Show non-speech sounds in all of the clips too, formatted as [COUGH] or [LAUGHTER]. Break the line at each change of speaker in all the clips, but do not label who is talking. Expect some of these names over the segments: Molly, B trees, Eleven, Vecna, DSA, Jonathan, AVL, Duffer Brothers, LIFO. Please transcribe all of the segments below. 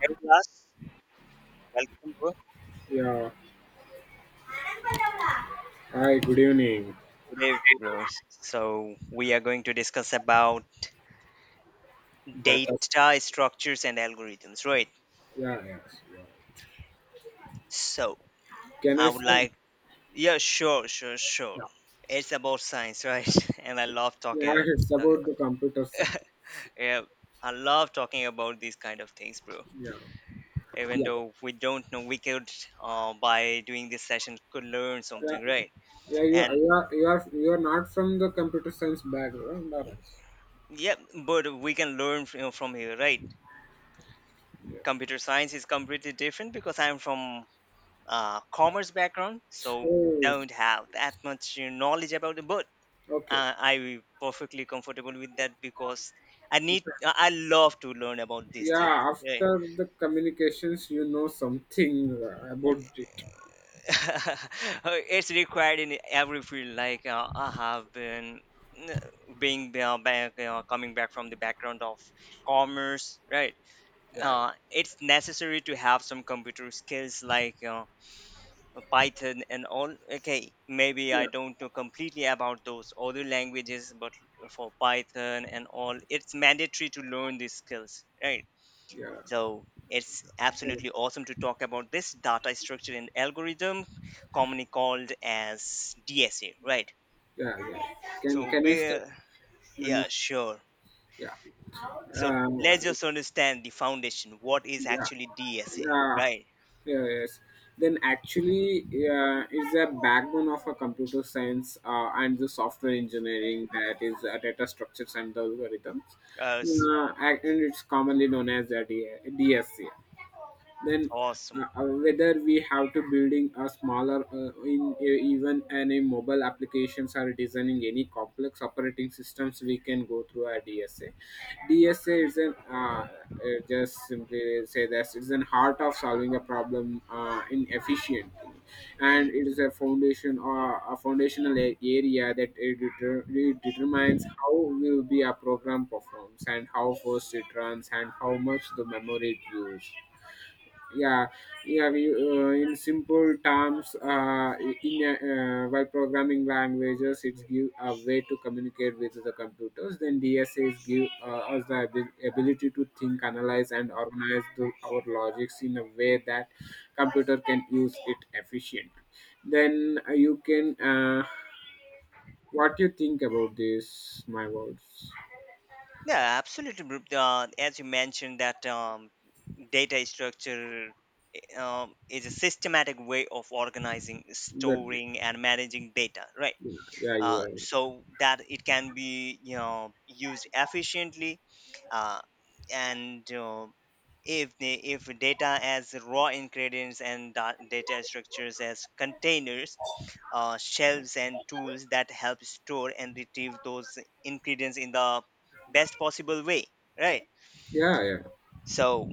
Hey Ulas, welcome bro.
Yeah. Hi, good evening.
Today bro, so we are going to discuss about
That's
data structures and algorithms, right?
yeah, yes.
So
Can I
I would
start?
like, yeah, sure, sure, sure.
Yeah.
It's about science, right? [LAUGHS] And I love
Yeah, it's
talking
about
about-
the computer side.
yeah, I love talking about these kind of things, bro.
Yeah.
Even
Yeah.
though we don't know, we could, by doing this session, could learn
Yeah.
something, right?
Yeah, you are,
And
you are, you are, you are not from the computer science background, are you?
yeah, but we can learn from here, right?
Yeah.
Computer science is completely different because I'm from commerce background, so
Oh,
don't have that much knowledge about it. But
okay.
I'm perfectly comfortable with that because
Okay.
I love to learn about these things.
Yeah,
Yeah.
after the communications, you know something about it.
[LAUGHS] It's required in every field. Like I have uh, coming back from the background of commerce, right?
Yeah,
It's necessary to have some computer skills like. Python and all. Okay, maybe I
yeah,
don't know completely about those other languages, but for Python and all, it's mandatory to learn these skills, right?
yeah,
So it's
So,
absolutely awesome to talk about this data structure and algorithm, commonly called as DSA, right?
yeah. Can
So
can I
we
start,
Yeah,
Manish?
sure.
Yeah.
So let's
Um,
just understand the foundation. What is
yeah
actually DSA,
yeah
right?
yeah, yes then actually, yeah, it's a backbone of a computer science and the software engineering, that is data structures and the algorithms,
Uh, s-
and it's commonly known as a DSCA. Then
Awesome.
whether we have to building a smaller in even any mobile applications or designing any complex operating systems, we can go through a dsa. Dsa is an just simply say that it's an heart of solving a problem in efficiently, and
Mm.
it is a foundation or a foundational area that it determines how will be a program performs, and how fast it runs, and how much the memory it uses. Yeah, yeah, in simple terms, in while programming languages it's give a way to communicate with the computers, then dsas give us the ability to think, analyze and organize the, our logics in a way that computer can use it efficiently. Then you can what you think about this my words?
Yeah, absolutely, bro. As you mentioned that data structure is a systematic way of organizing,
That
storing, and managing data, right?
Yeah, yeah, you are.
So that it can be, you know, used efficiently, uh, and if the, if data as raw ingredients and data structures as containers, shelves, and tools that help store and retrieve those ingredients in the best possible way, right?
Yeah, yeah.
So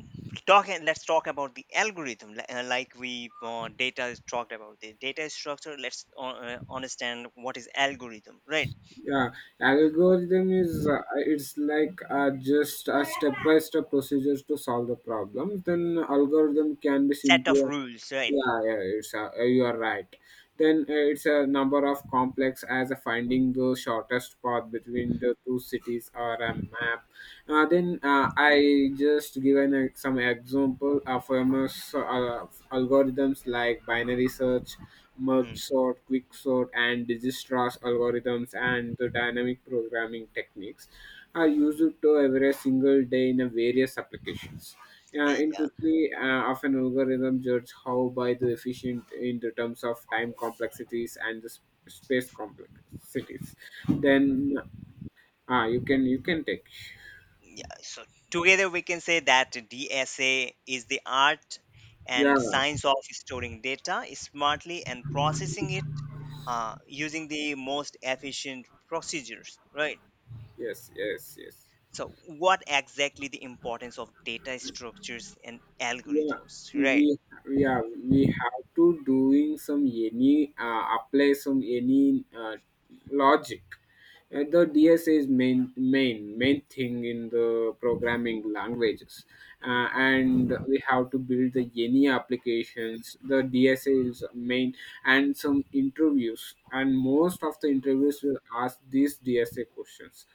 talking let's talk about the algorithm li- like we data is talked about the data structure. Let's understand what is algorithm, right?
Yeah, algorithm is it's like just a step by step procedures to solve the problem. Then algorithm can be
Set of
simpler.
rules, right?
Yeah, yeah, it's a, you are right. Then it's a number of complex as a finding the shortest path between the two cities or a map. Then I just given some example of famous algorithms like binary search, merge
Hmm.
sort, quick sort, and digistra's algorithms and the dynamic programming techniques are used to every single day in a various applications in
Yeah,
quickly, of an algorithm judge how by the efficient in the terms of time complexities and the space complexities. Then, you can you can take.
yeah, so together we can say that DSA is the art
Yeah.
and science of storing data smartly and processing it using the most efficient procedures, right?
Yes. Yes. Yes.
So, what exactly the importance of data structures and
Yeah,
algorithms, right?
we yeah, we have to doing some any apply some any logic. The DSA is main thing in the programming languages,
Mhm.
and we have to build the any applications. The DSA is main, and some interviews, and most of the interviews will ask these DSA questions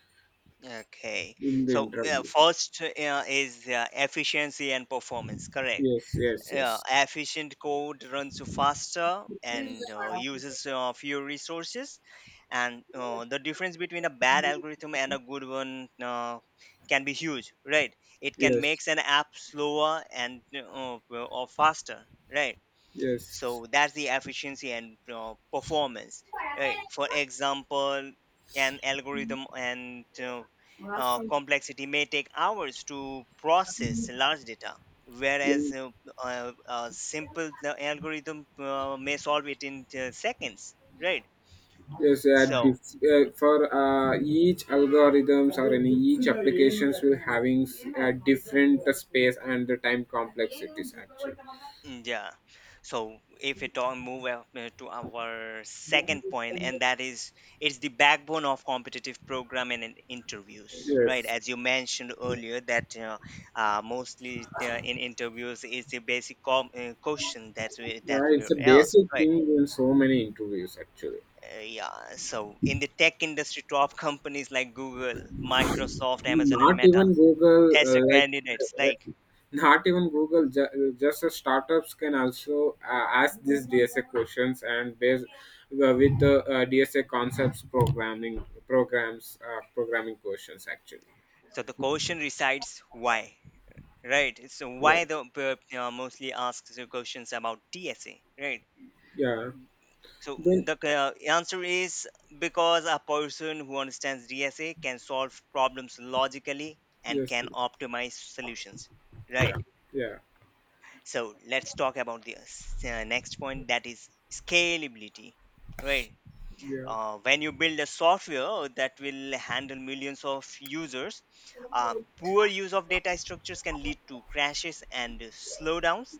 Okay.
in the
So,
interviews.
first is efficiency and performance, correct?
Yes, yes, yes,
Efficient code runs faster and uses fewer resources. And the difference between a bad algorithm and a good one can be huge, right? It can
yes,
make an app slower and or faster, right?
yes.
So that's the efficiency and performance. Right? For example, an algorithm and complexity may take hours to process large data,
Yeah.
whereas a simple algorithm may solve it in seconds. Right?
Yes, at
So
dif- for each algorithms or in each applications will having different space and the time complexities actually.
Mm, yeah. So if we talk move up to our second point, and that is it's the backbone of competitive programming and interviews, right?
Yes,
As you mentioned earlier, that mostly in interviews is the basic question that we
yeah,
that
it's
we're
a
asked,
basic
right?
thing in so many interviews actually.
Yeah. So in the tech industry, top companies like Google, Microsoft, Amazon, and
Not
Meta
even Google,
test their
like
candidates. Like,
uh, not even Google, just the startups can also ask these DSA questions and based with the DSA concepts programming programs programming questions actually.
so the question resides why. Right. So
Yeah,
why the mostly asks you questions about DSA, right?
yeah.
So
Then
the answer is because a person who understands DSA can solve problems logically and
Yes,
can
yes,
optimize solutions,
yeah,
right?
yeah,
So let's talk about the next point that is scalability, right?
yeah.
When you build a software that will handle millions of users, poor use of data structures can lead to crashes and slowdowns.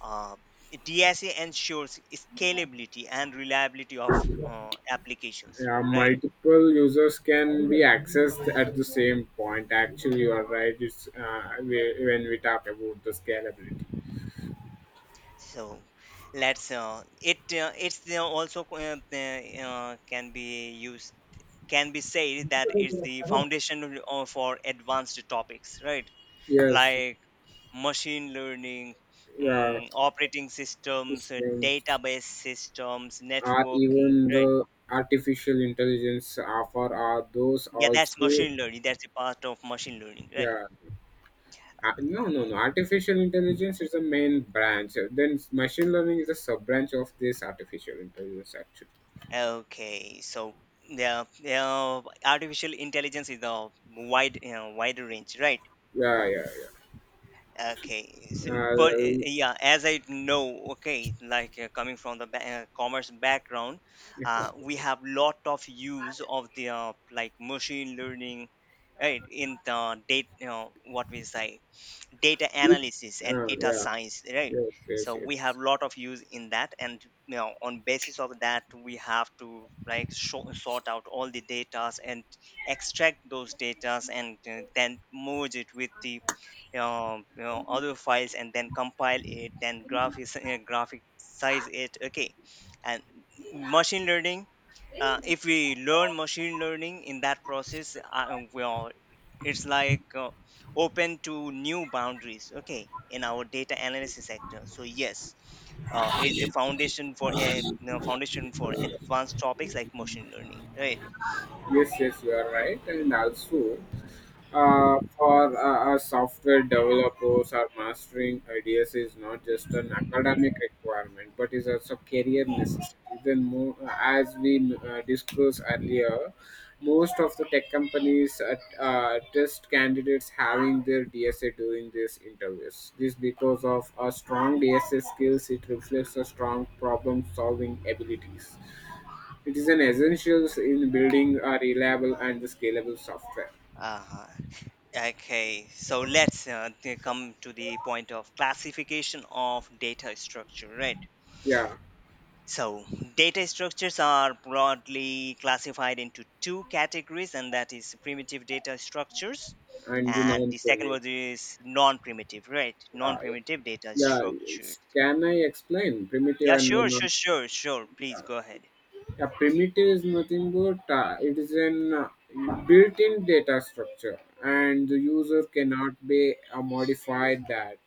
Uh, DSA ensures scalability and reliability of applications,
Yeah,
right?
multiple users can be accessed at the same point. Actually, you are right. It's when we talk about the scalability.
So let's it it's also co- p- can be used can be said that it's the foundation for advanced topics, right?
Yes,
Like machine learning,
yeah,
mm, operating systems,
systems
database systems,
are
networking,
even
right?
the artificial intelligence offer are those
Yeah, that's
also.
machine learning. That's a part of machine learning, right?
Yeah. No, no, no. Artificial intelligence is the main branch. Then machine learning is a sub branch of this artificial intelligence actually.
Okay, so the, yeah, artificial intelligence is a wide, you know, range, right?
Yeah, yeah, yeah.
Okay, so but
Uh,
yeah, as I know, okay, like coming from the commerce background,
yeah,
we have lot of use of the, like machine learning, right? In the date, you know, what we say, data analysis and data
yeah,
science, right?
yes, yes,
So we have
yes.
lot of use in that, and you know, on basis of that, we have to like sort out all the datas and extract those datas and then merge it with the, you know, other files, and then compile it, then graphics, [LAUGHS] graphic size it. Okay. And machine learning, if we learn machine learning in that process, well, it's like, open to new boundaries. Okay, in our data analysis sector. So yes, it's the foundation for a, you know, foundation for advanced topics like machine learning, right?
Yes, yes, you are right. And also, for us software developers, our mastering ideas is not just an academic requirement, but is also career necessity. Then, more, as we discussed earlier, most of the tech companies test candidates having their DSA during these interviews. This because of a strong DSA skills, it reflects a strong problem-solving abilities. It is an essential in building a reliable and scalable software.
Uh, okay, so let's come to the point of classification of data structure, right?
Yeah.
So, data structures are broadly classified into two categories, and that is primitive data structures,
And
and the second
non-primitive.
one is non primitive, right? Non
Yeah, yeah.
primitive data structures.
Can I explain primitive
Yeah,
and the
sure,
non?
sure, sure, sure. Please go ahead.
Yeah, primitive is nothing but it is an built-in data structure, and the user cannot be modified that.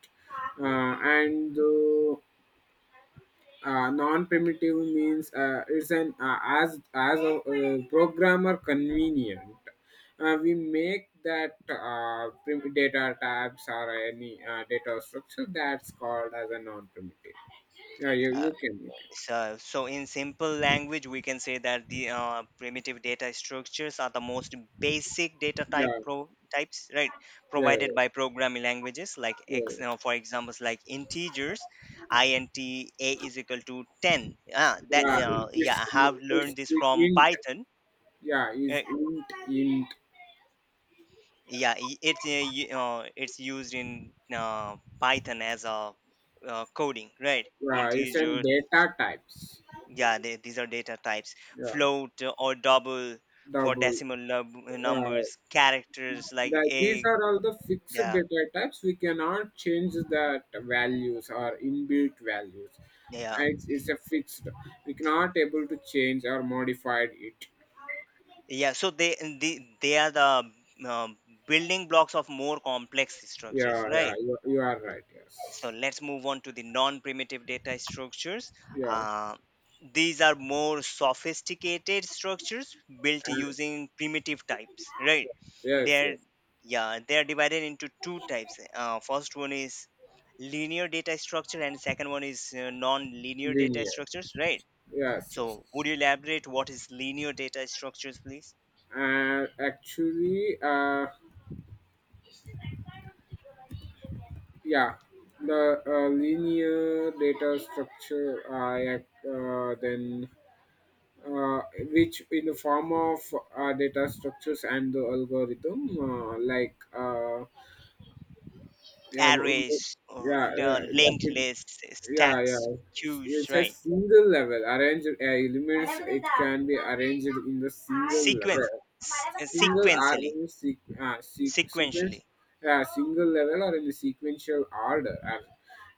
And Non-primitive means it's an as a programmer convenient, we make that data tabs or any data structure, that's called as a non-primitive. Yeah, you,
Uh,
you can make it.
So, so in simple language, we can say that the primitive data structures are the most basic
Yeah.
types, right?
Yeah.
Provided by programming languages, like
Yeah.
for examples, like integers, int a is equal to ten. Ah, that
yeah
yeah,
it's,
I have
it's
learned this from
int.
Python.
Yeah, is
Uh,
int int.
yeah, it's used in Python as a coding, right?
Yeah, it's
Integers.
an data types.
Yeah, they, these are data types,
Yeah,
float or double for
double.
decimal
Yeah,
numbers, characters like
that these
a.
are all the fixed
Yeah,
data types, we cannot change that values or inbuilt values.
yeah,
It's a fixed, we cannot able to change or modify it.
yeah. So they are the, um, building blocks of more complex structures,
Yeah, yeah,
right?
you are right. Yes.
So let's move on to the non-primitive data structures.
Yeah.
Uh, these are more sophisticated structures built
And
using primitive types, right?
yes,
They're,
yes.
yeah, they're divided into two types. Uh, first one is linear data structure, and second one is non-linear data
Linear,
structures, right?
yes, yes.
So would you elaborate what is linear data structures, please?
and actually Yeah, the linear data structure I then uh, which in the form of data structures and the algorithm like yeah, w-
Arrays,
yeah, yeah, like
linked
it-
lists,
yeah, yeah,
stacks, queues,
it's a
right?
single level arranged elements, it can be arranged in the single
Sequence,
level, single or
sequentially,
in a
sequentially.
sequence, single level or in a sequential order, and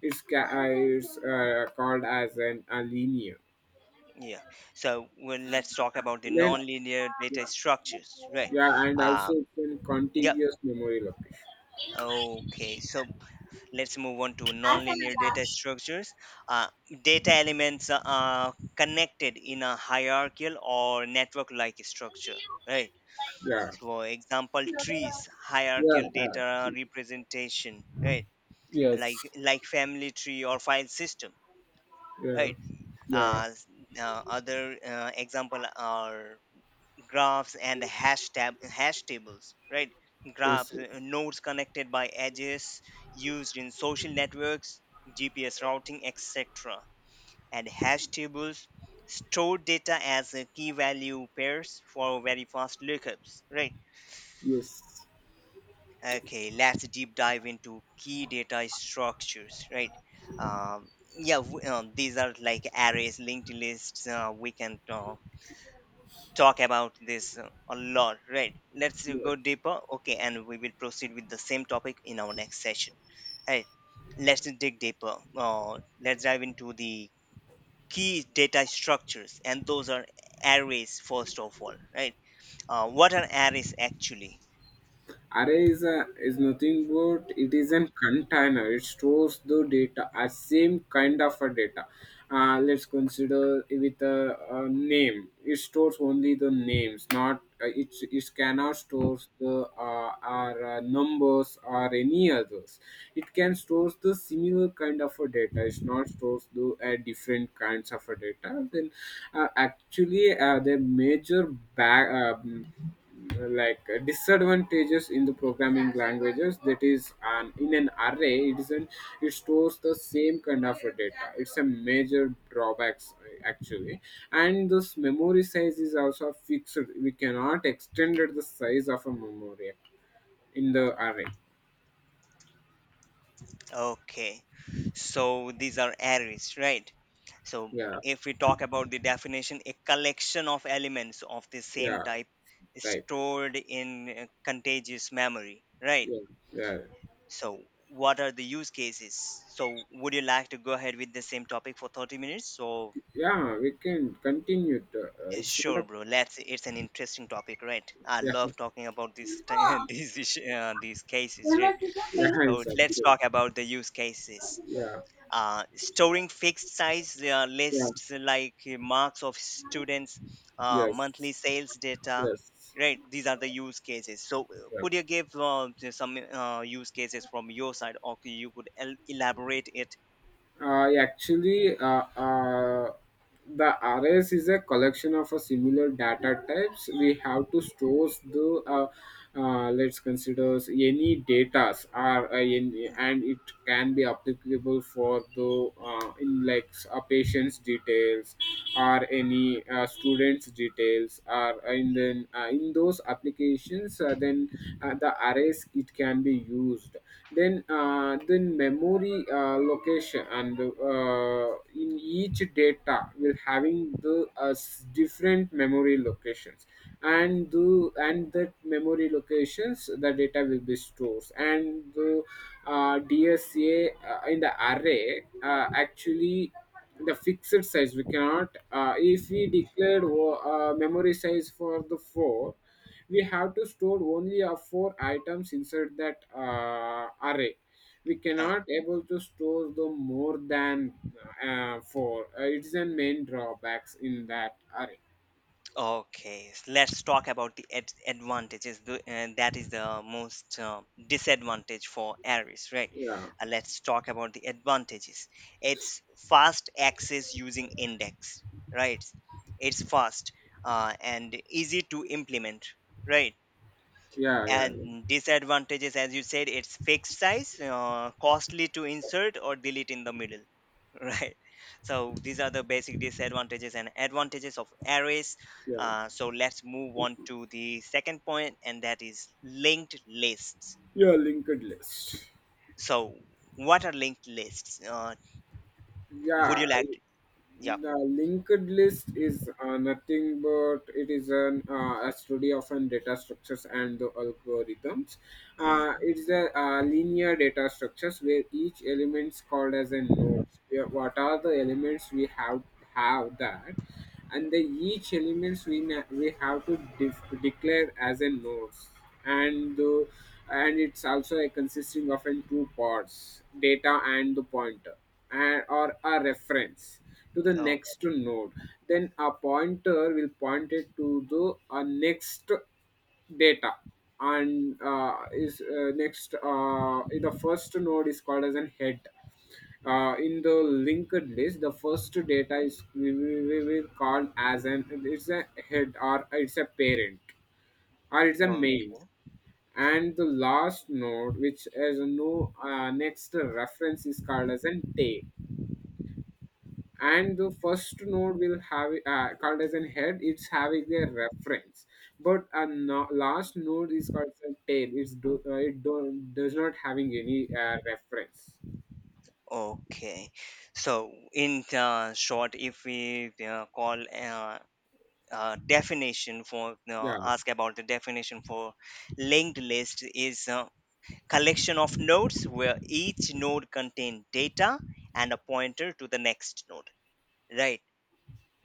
it's called as an a linear.
Yeah, so well, let's talk about the
Then,
nonlinear data structures, right?
yeah, and
Um,
also it's in
yep,
contiguous memory location.
okay, so let's move on to nonlinear data structures. Uh, data elements are connected in a hierarchical or network like structure, right?
Yeah,
So, for example, trees,
yeah,
hierarchical
yeah,
data representation, right? Like family tree or file system,
yeah,
right?
yeah.
uh, s- Other example are graphs and hash tables, right? Graphs,
Yes, yes,
nodes connected by edges, used in social networks, gps routing, etc. And hash tables store data as key value pairs for very fast lookups, right?
yes.
Okay, let's deep dive into key data structures, right? Um, yeah, these are like arrays, linked lists, we can, talk about this, a lot, right? Let's
Yes.
go deeper. Okay, and we will proceed with the same topic in our next session. Right? Let's dig deeper. Let's dive into the key data structures, and those are arrays first of all, right? What are arrays actually?
Array is, a, is nothing but it is a container. It stores the data, a same kind of a data. Let's consider with a name. It stores only the names, not. It cannot store the our numbers or any others. It can store the similar kind of a data. It's not stores the different kinds of a data. Then actually the major back. Disadvantages in the programming languages, that is an in an array it is an, it stores the same kind of a data, it's a major drawbacks actually, and this memory size is also fixed, we cannot extend it the size of a memory in the array.
Okay. So these are arrays, right? So
Yeah.
if we talk about the definition, a collection of elements of the same
Yeah.
type
Type.
stored in contagious memory, right?
Yeah. Yeah.
So what are the use cases? So would you like to go ahead with the same topic for 30 minutes? So
Yeah, we can continue to,
eh,
it's not
sure,
a
bro. Let's. It's an interesting topic, right? I
yeah
love talking about these [LAUGHS] these cases,
yeah
right? So
it's
let's
actually
talk about the use cases.
yeah
Storing fixed size
yeah
lists like marks of students,
yes.
monthly sales data,
Yes.
right? These are the use cases. So
Yeah.
could you give, just some, use cases from your side, or you could elaborate it?
Uh, actually, uh, uh, the arrays is a collection of a similar data types. We have to store the let's consider any datas are any, and it can be applicable for the in like a patient's details or any students details or and then in those applications then the arrays it can be used, then memory location, and uh, in each data will having the different memory locations, and the and that memory locations the data will be stores, and the DSA in the array, actually the fixed size we cannot if we declared memory size for the four, we have to store only a four items inside that array. We
Mm,
cannot able to store the more than four, it's a main drawbacks in that array.
okay, let's talk about the advantages. The, and that is the most, disadvantage for Aries, right?
Yeah.
Let's talk about the advantages. It's fast access using index, right? It's fast and easy to implement, right?
Yeah. Yeah.
And
Yeah.
disadvantages, as you said, it's fixed size, costly to insert or delete in the middle. [LAUGHS] Right. So these are the basic disadvantages and advantages of arrays.
Yeah,
So let's move on to the second point, and that is linked lists.
yeah, linked list.
So what are linked lists? Would
Yeah,
you like to? Yeah.
the linked list is nothing but it is an a study of an data structures and the algorithms.
Mm,
It's a linear data structures where each element is called as a node. Where- what are the elements we have that, and the each elements we we have to declare as a nodes, and the, and it's also a consisting of in two parts, data and the pointer, and or a reference to the
oh,
next node. Then a pointer will point it to the next data, and is next, the first node is called as an head. Uh, in the linked list, the first data is we will call as an it's a head, or it's a parent, or it's a
oh,
main, and the last node which has no next reference is called as an tail, and the first node will have called as an head. It's having a reference, but a last node is called as a tail. It's do, does not having any reference.
okay. So in, short, if we, call definition for
Yeah,
ask about the definition for linked list is a collection of nodes where each node contains data and a pointer to the next node, right?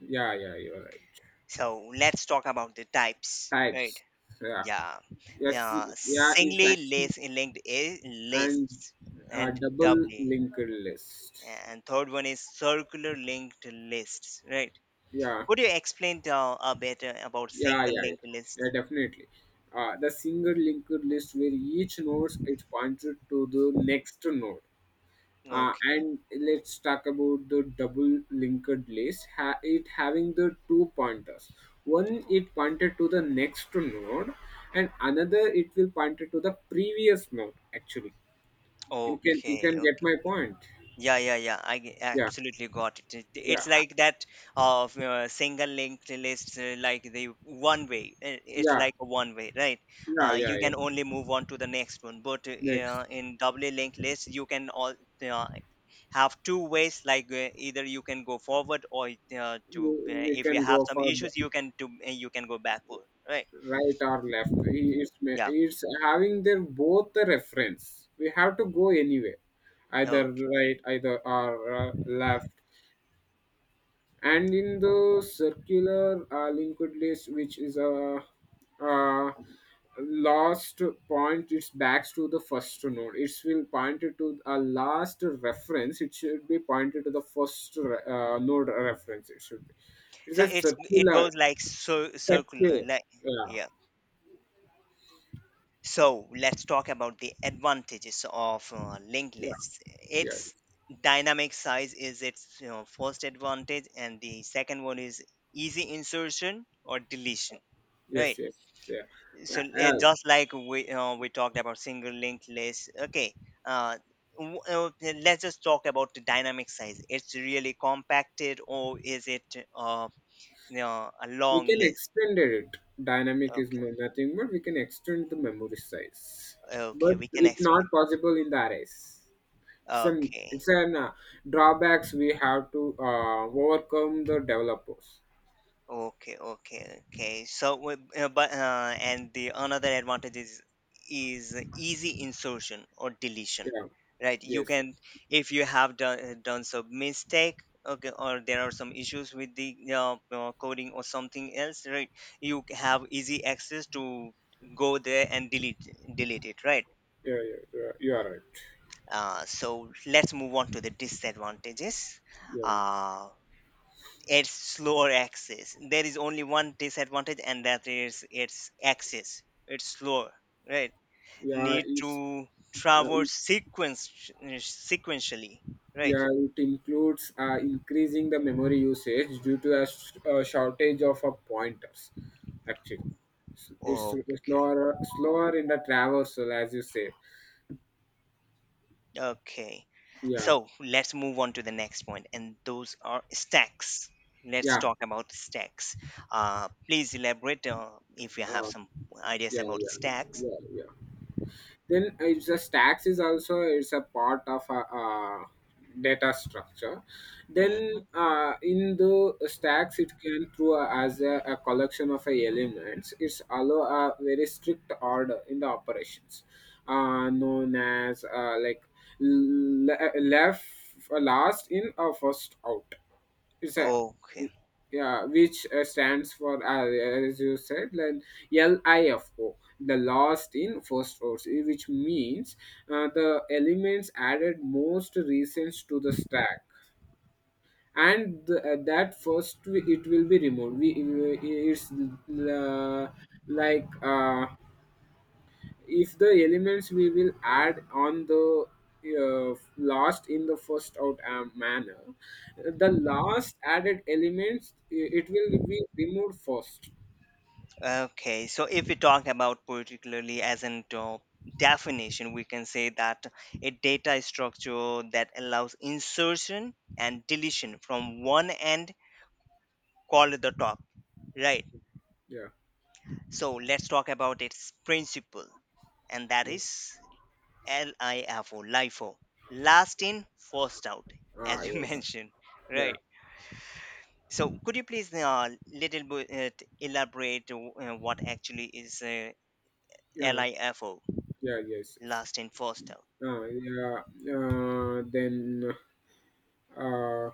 yeah, yeah. You're right.
So let's talk about the types, right?
Types. So, yeah,
Yeah,
yes, yeah, it's
singly
actually.
list linked I-
And
lists, and
double
doubly,
linked list.
and third one is circular linked lists, right?
Yeah,
Could you explain, a bit, about
yeah,
single
yeah, yeah,
linked lists?
yeah definitely. The single linked list where each node is pointed to the next node.
Okay.
And let's talk about the double linked list. Ha- it having the two pointers. One it pointed to the next node, and another it will pointed to the previous node actually. You can you can
Okay,
get
okay.
my point.
Yeah, yeah, yeah.
Yeah,
Absolutely got it. It-
yeah,
it's like that of, single linked list, like the one way. Uh, it's
yeah,
like a one way, right?
yeah, yeah,
You
yeah.
can only move on to the next one. But
Next.
in doubly linked list, you can all uh, have two ways. Like either you can go forward, or to
We
if you
can
have
go
some
for the
issues, you can go backward, right?
right or left.
Yeah.
It's having their both the reference. We have to go anywhere, either
Oh,
right either or left. And in the circular linked list, which is a, uh last point, it's backs to the first node. It will point it to a last reference. It should be pointed to the first node reference, it should be. It's
so
a
it
circular.
goes like so
Circular.
circular, like,
Yeah.
yeah. So let's talk about the advantages of linked
Yeah.
lists.
Yeah.
Its dynamic size is its first advantage, and the second one is easy insertion or deletion.
Yes.
Right.
Yes. Yeah.
So
Uh,
just like we we talked about single linked list. Okay. Uh, w- uh, let's just talk about the dynamic size. It's really compacted, or is it uh, a
We
long
can
list?
extend it.
Okay.
Nothing but we can extend the memory size.
Okay.
But
We can
it's
extend
not
them.
possible in the arrays. Some
Okay.
it's an drawbacks we have to overcome the developers.
Okay, okay, okay. So, wi- but and the another advantage is easy insertion or deletion,
Yeah.
right? You
Yes.
can if you have done some mistake, okay, or there are some issues with the coding or something else, right? Have easy access to go there and delete it, right?
Yeah. Yeah. You are right.
So let's move on to the disadvantages.
Yeah.
Uh, it's slower access. There is only one disadvantage, and that is its access. It's slower, right?
Yeah.
Need
It's.
to
uh,
traverse sequence sequentially, right?
Yeah, it includes increasing the memory usage due to a, a shortage of pointers. Actually, it's
Okay,
slower, slower in the traversal, as you say.
okay.
Yeah,
So let's move on to the next point, and those are stacks. Let's
yeah,
talk about stacks. Please elaborate if you have
uh,
some ideas
yeah,
about
yeah,
stacks.
yeah, yeah. Then it's a stacks is also it's a part of a, uh data structure. then
Mhm.
uh, in the stacks, it can through as a collection of a elements, it's allow a very strict order in the operations, known as like left, last in or first out. It's a.
Okay.
Yeah, which stands for, as you said, like LIFO, the last in first rows, which means the elements added most recent to the stack, and that it will be removed. We it's uh, like If the elements we will add on the last in the first out manner, the last added elements, it will be removed first.
Okay, so if we talk about particularly as an definition, we can say that a data structure that allows insertion and deletion from one end called the top, right?
Yeah,
So let's talk about its principle, and that
yeah.
is LIFO, LIFO, last in, first out,
Ah,
as you [LAUGHS]
yes.
mentioned,
Yeah.
right? So could you please little bit elaborate what actually is
Yeah.
LIFO?
Yeah. Yes, yes.
Last in, first out.
Yeah. uh, then uh,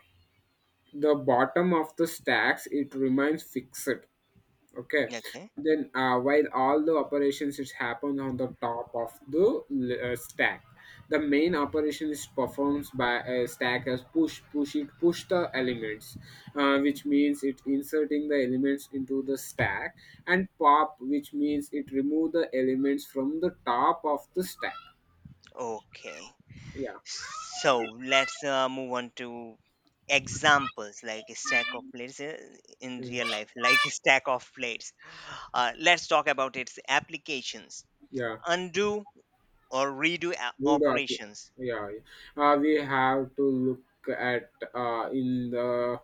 the bottom of the stacks, it remains fixed. Okay.
Okay.
Then while all the operations is happen on the top of the stack, the main operation is performed by a stack as push, push it, push the elements, which means it inserting the elements into the stack, and pop, which means it remove the elements from the top of the stack.
Okay.
Yeah.
So let's move on to examples like a stack of plates in
Mm.
real life, [LAUGHS] like a stack of plates. Let's talk about its applications.
Yeah.
Undo or redo
We doc-
operations.
yeah, yeah. We have to look at in the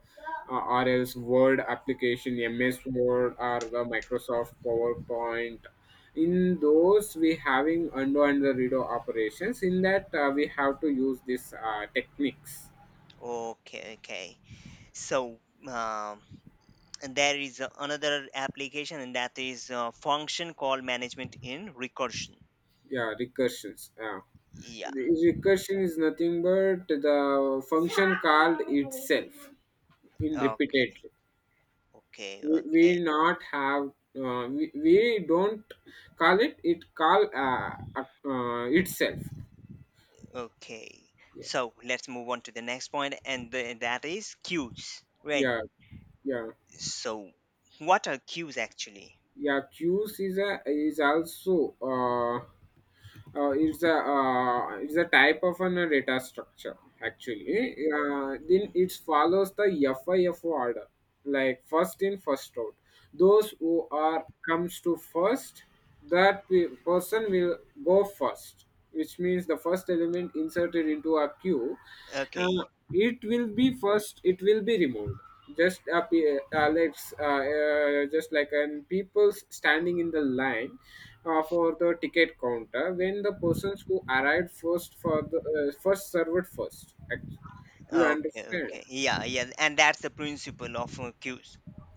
or else Word application, MS Word, or the Microsoft PowerPoint. In those, we having undo and the redo operations. In that, we have to use these techniques.
Okay. Okay. So um, and there is another application, and that is a function called management in recursion.
Yeah, recursions. Yeah.
Yeah.
The recursion is nothing but the function called itself in
Okay.
repeatedly.
Okay. Okay.
We not have we don't call it. It call itself.
Okay,
Yeah.
so let's move on to the next point, and that is cues, right?
Yeah. Yeah.
So, what are cues actually?
Yeah, queues is also, is a, is a type of an data structure, actually. Then
Mhm.
it follows the FIFO order, like first in first out. Those who are comes to first, that person will go first. Which means the first element inserted into a queue, uh,
Okay,
it will be first, it will be removed. Let's, just like an people standing in the line for the ticket counter. When the persons who arrived first, for the first served first, actually. You
okay,
understand.
okay. Yeah, yeah, and that's the principle of cues,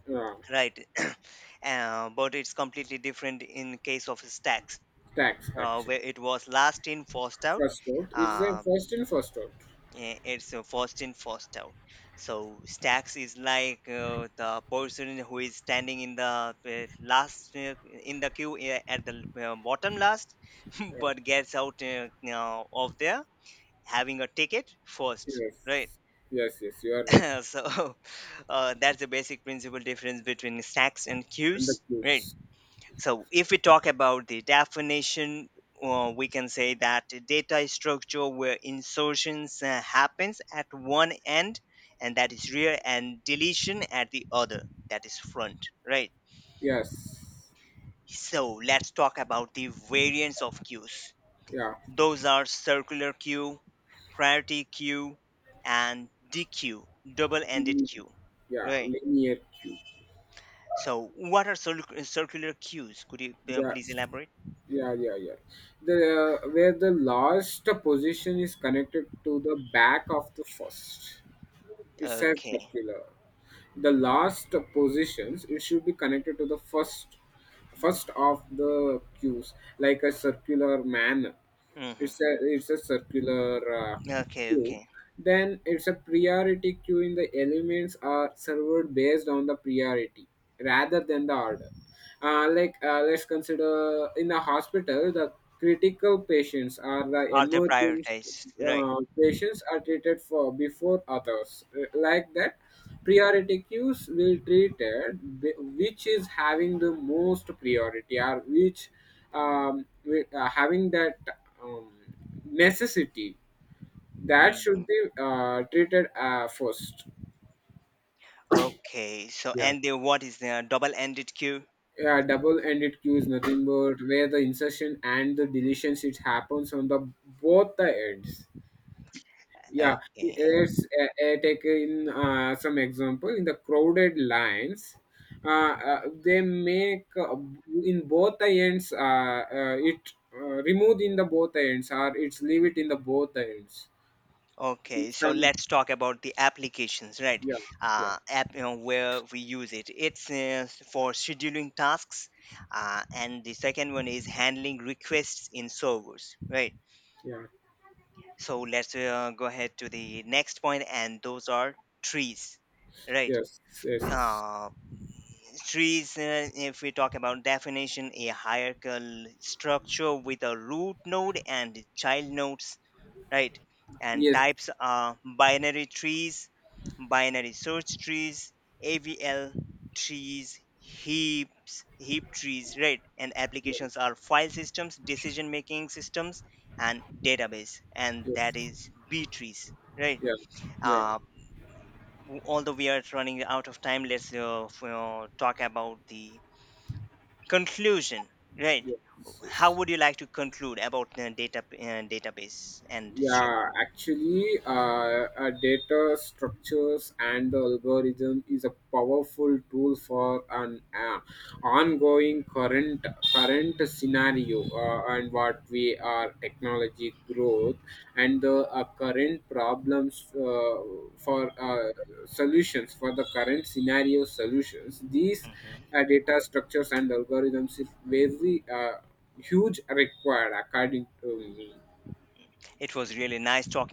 uh,
right? [CLEARS THROAT] But it's completely different in case of stacks,
tax actually.
where it was last in, first out.
First out It's a
Uh,
first in first out.
it's first in first out, so stacks is like the person who is standing in the last in the queue at the bottom last, [LAUGHS]
Yeah.
but gets out of there having a ticket first, right.
Yes. Yes. Yes, you are right.
[LAUGHS] So [LAUGHS] that's the basic principle difference between stacks and
And the
queues, right.
clues.
So if we talk about the definition, we can say that the data is structure where insertions happens at one end, and that is rear, and deletion at the other, that is front, right.
Yes.
So let's talk about the variants of queues.
Yeah.
Those are circular queue, priority queue, and DQ, double ended
Mm,
queue,
yeah,
right.
linear cube.
So what are circular queues? Could you
Yeah,
please
s-
elaborate?
yeah, yeah, yeah. The Where the last position is connected to the back of the first. It says
Okay.
circular. The last positions, it should be connected to the first, first of the cues, like a circular manner. It's a.
Hmm.
It's a circular
Okay,
queue.
okay.
Then it's a priority queue, in the elements are served based on the priority rather than the order. Let's consider in the hospital the critical patients or the
Are they
emergency
prioritized? Right.
patients are treated for before others. Like that, priority queues will treated, which is having the most priority, or which having that um, necessity, that should
Mhm.
be treated first.
Okay. So,
Yeah.
what is the double-ended queue?
Yeah, double-ended queue is nothing but where the insertion and the deletion, it happens on the both the ends. Yeah,
Okay.
let's, take in some example in the crowded lines. They make in both the ends. It removed in the both ends, or it's leave it in the both ends.
Okay. So
Some.
let's talk about the applications, right?
Yeah. Yeah.
Where we use it. It's for scheduling tasks, and the second one is handling requests in servers, right?
Yeah.
So let's go ahead to the next point, and those are trees, right?
Yes, yes.
Uh, Trees, if we talk about definition, a hierarchical structure with a root node and child nodes, right. And
Yes.
types are binary trees, binary search trees, AVL trees, heap trees, right. And
Yeah.
applications are file systems, decision making systems, and database, and
Yes.
that is b trees, right.
Yeah. Yeah.
uh, Although we are running out of time, let's talk about the conclusion, right?
Yes,
How
yes.
would you like to conclude about the data database and
Yeah,
structure?
actually, data structures and the algorithm is a powerful tool for an ongoing current scenario, and what we are technology growth and the current problems, for solutions for the current scenario solutions. These
Hmm.
data structures and algorithms is very huge required, according to me.
It was really nice talking.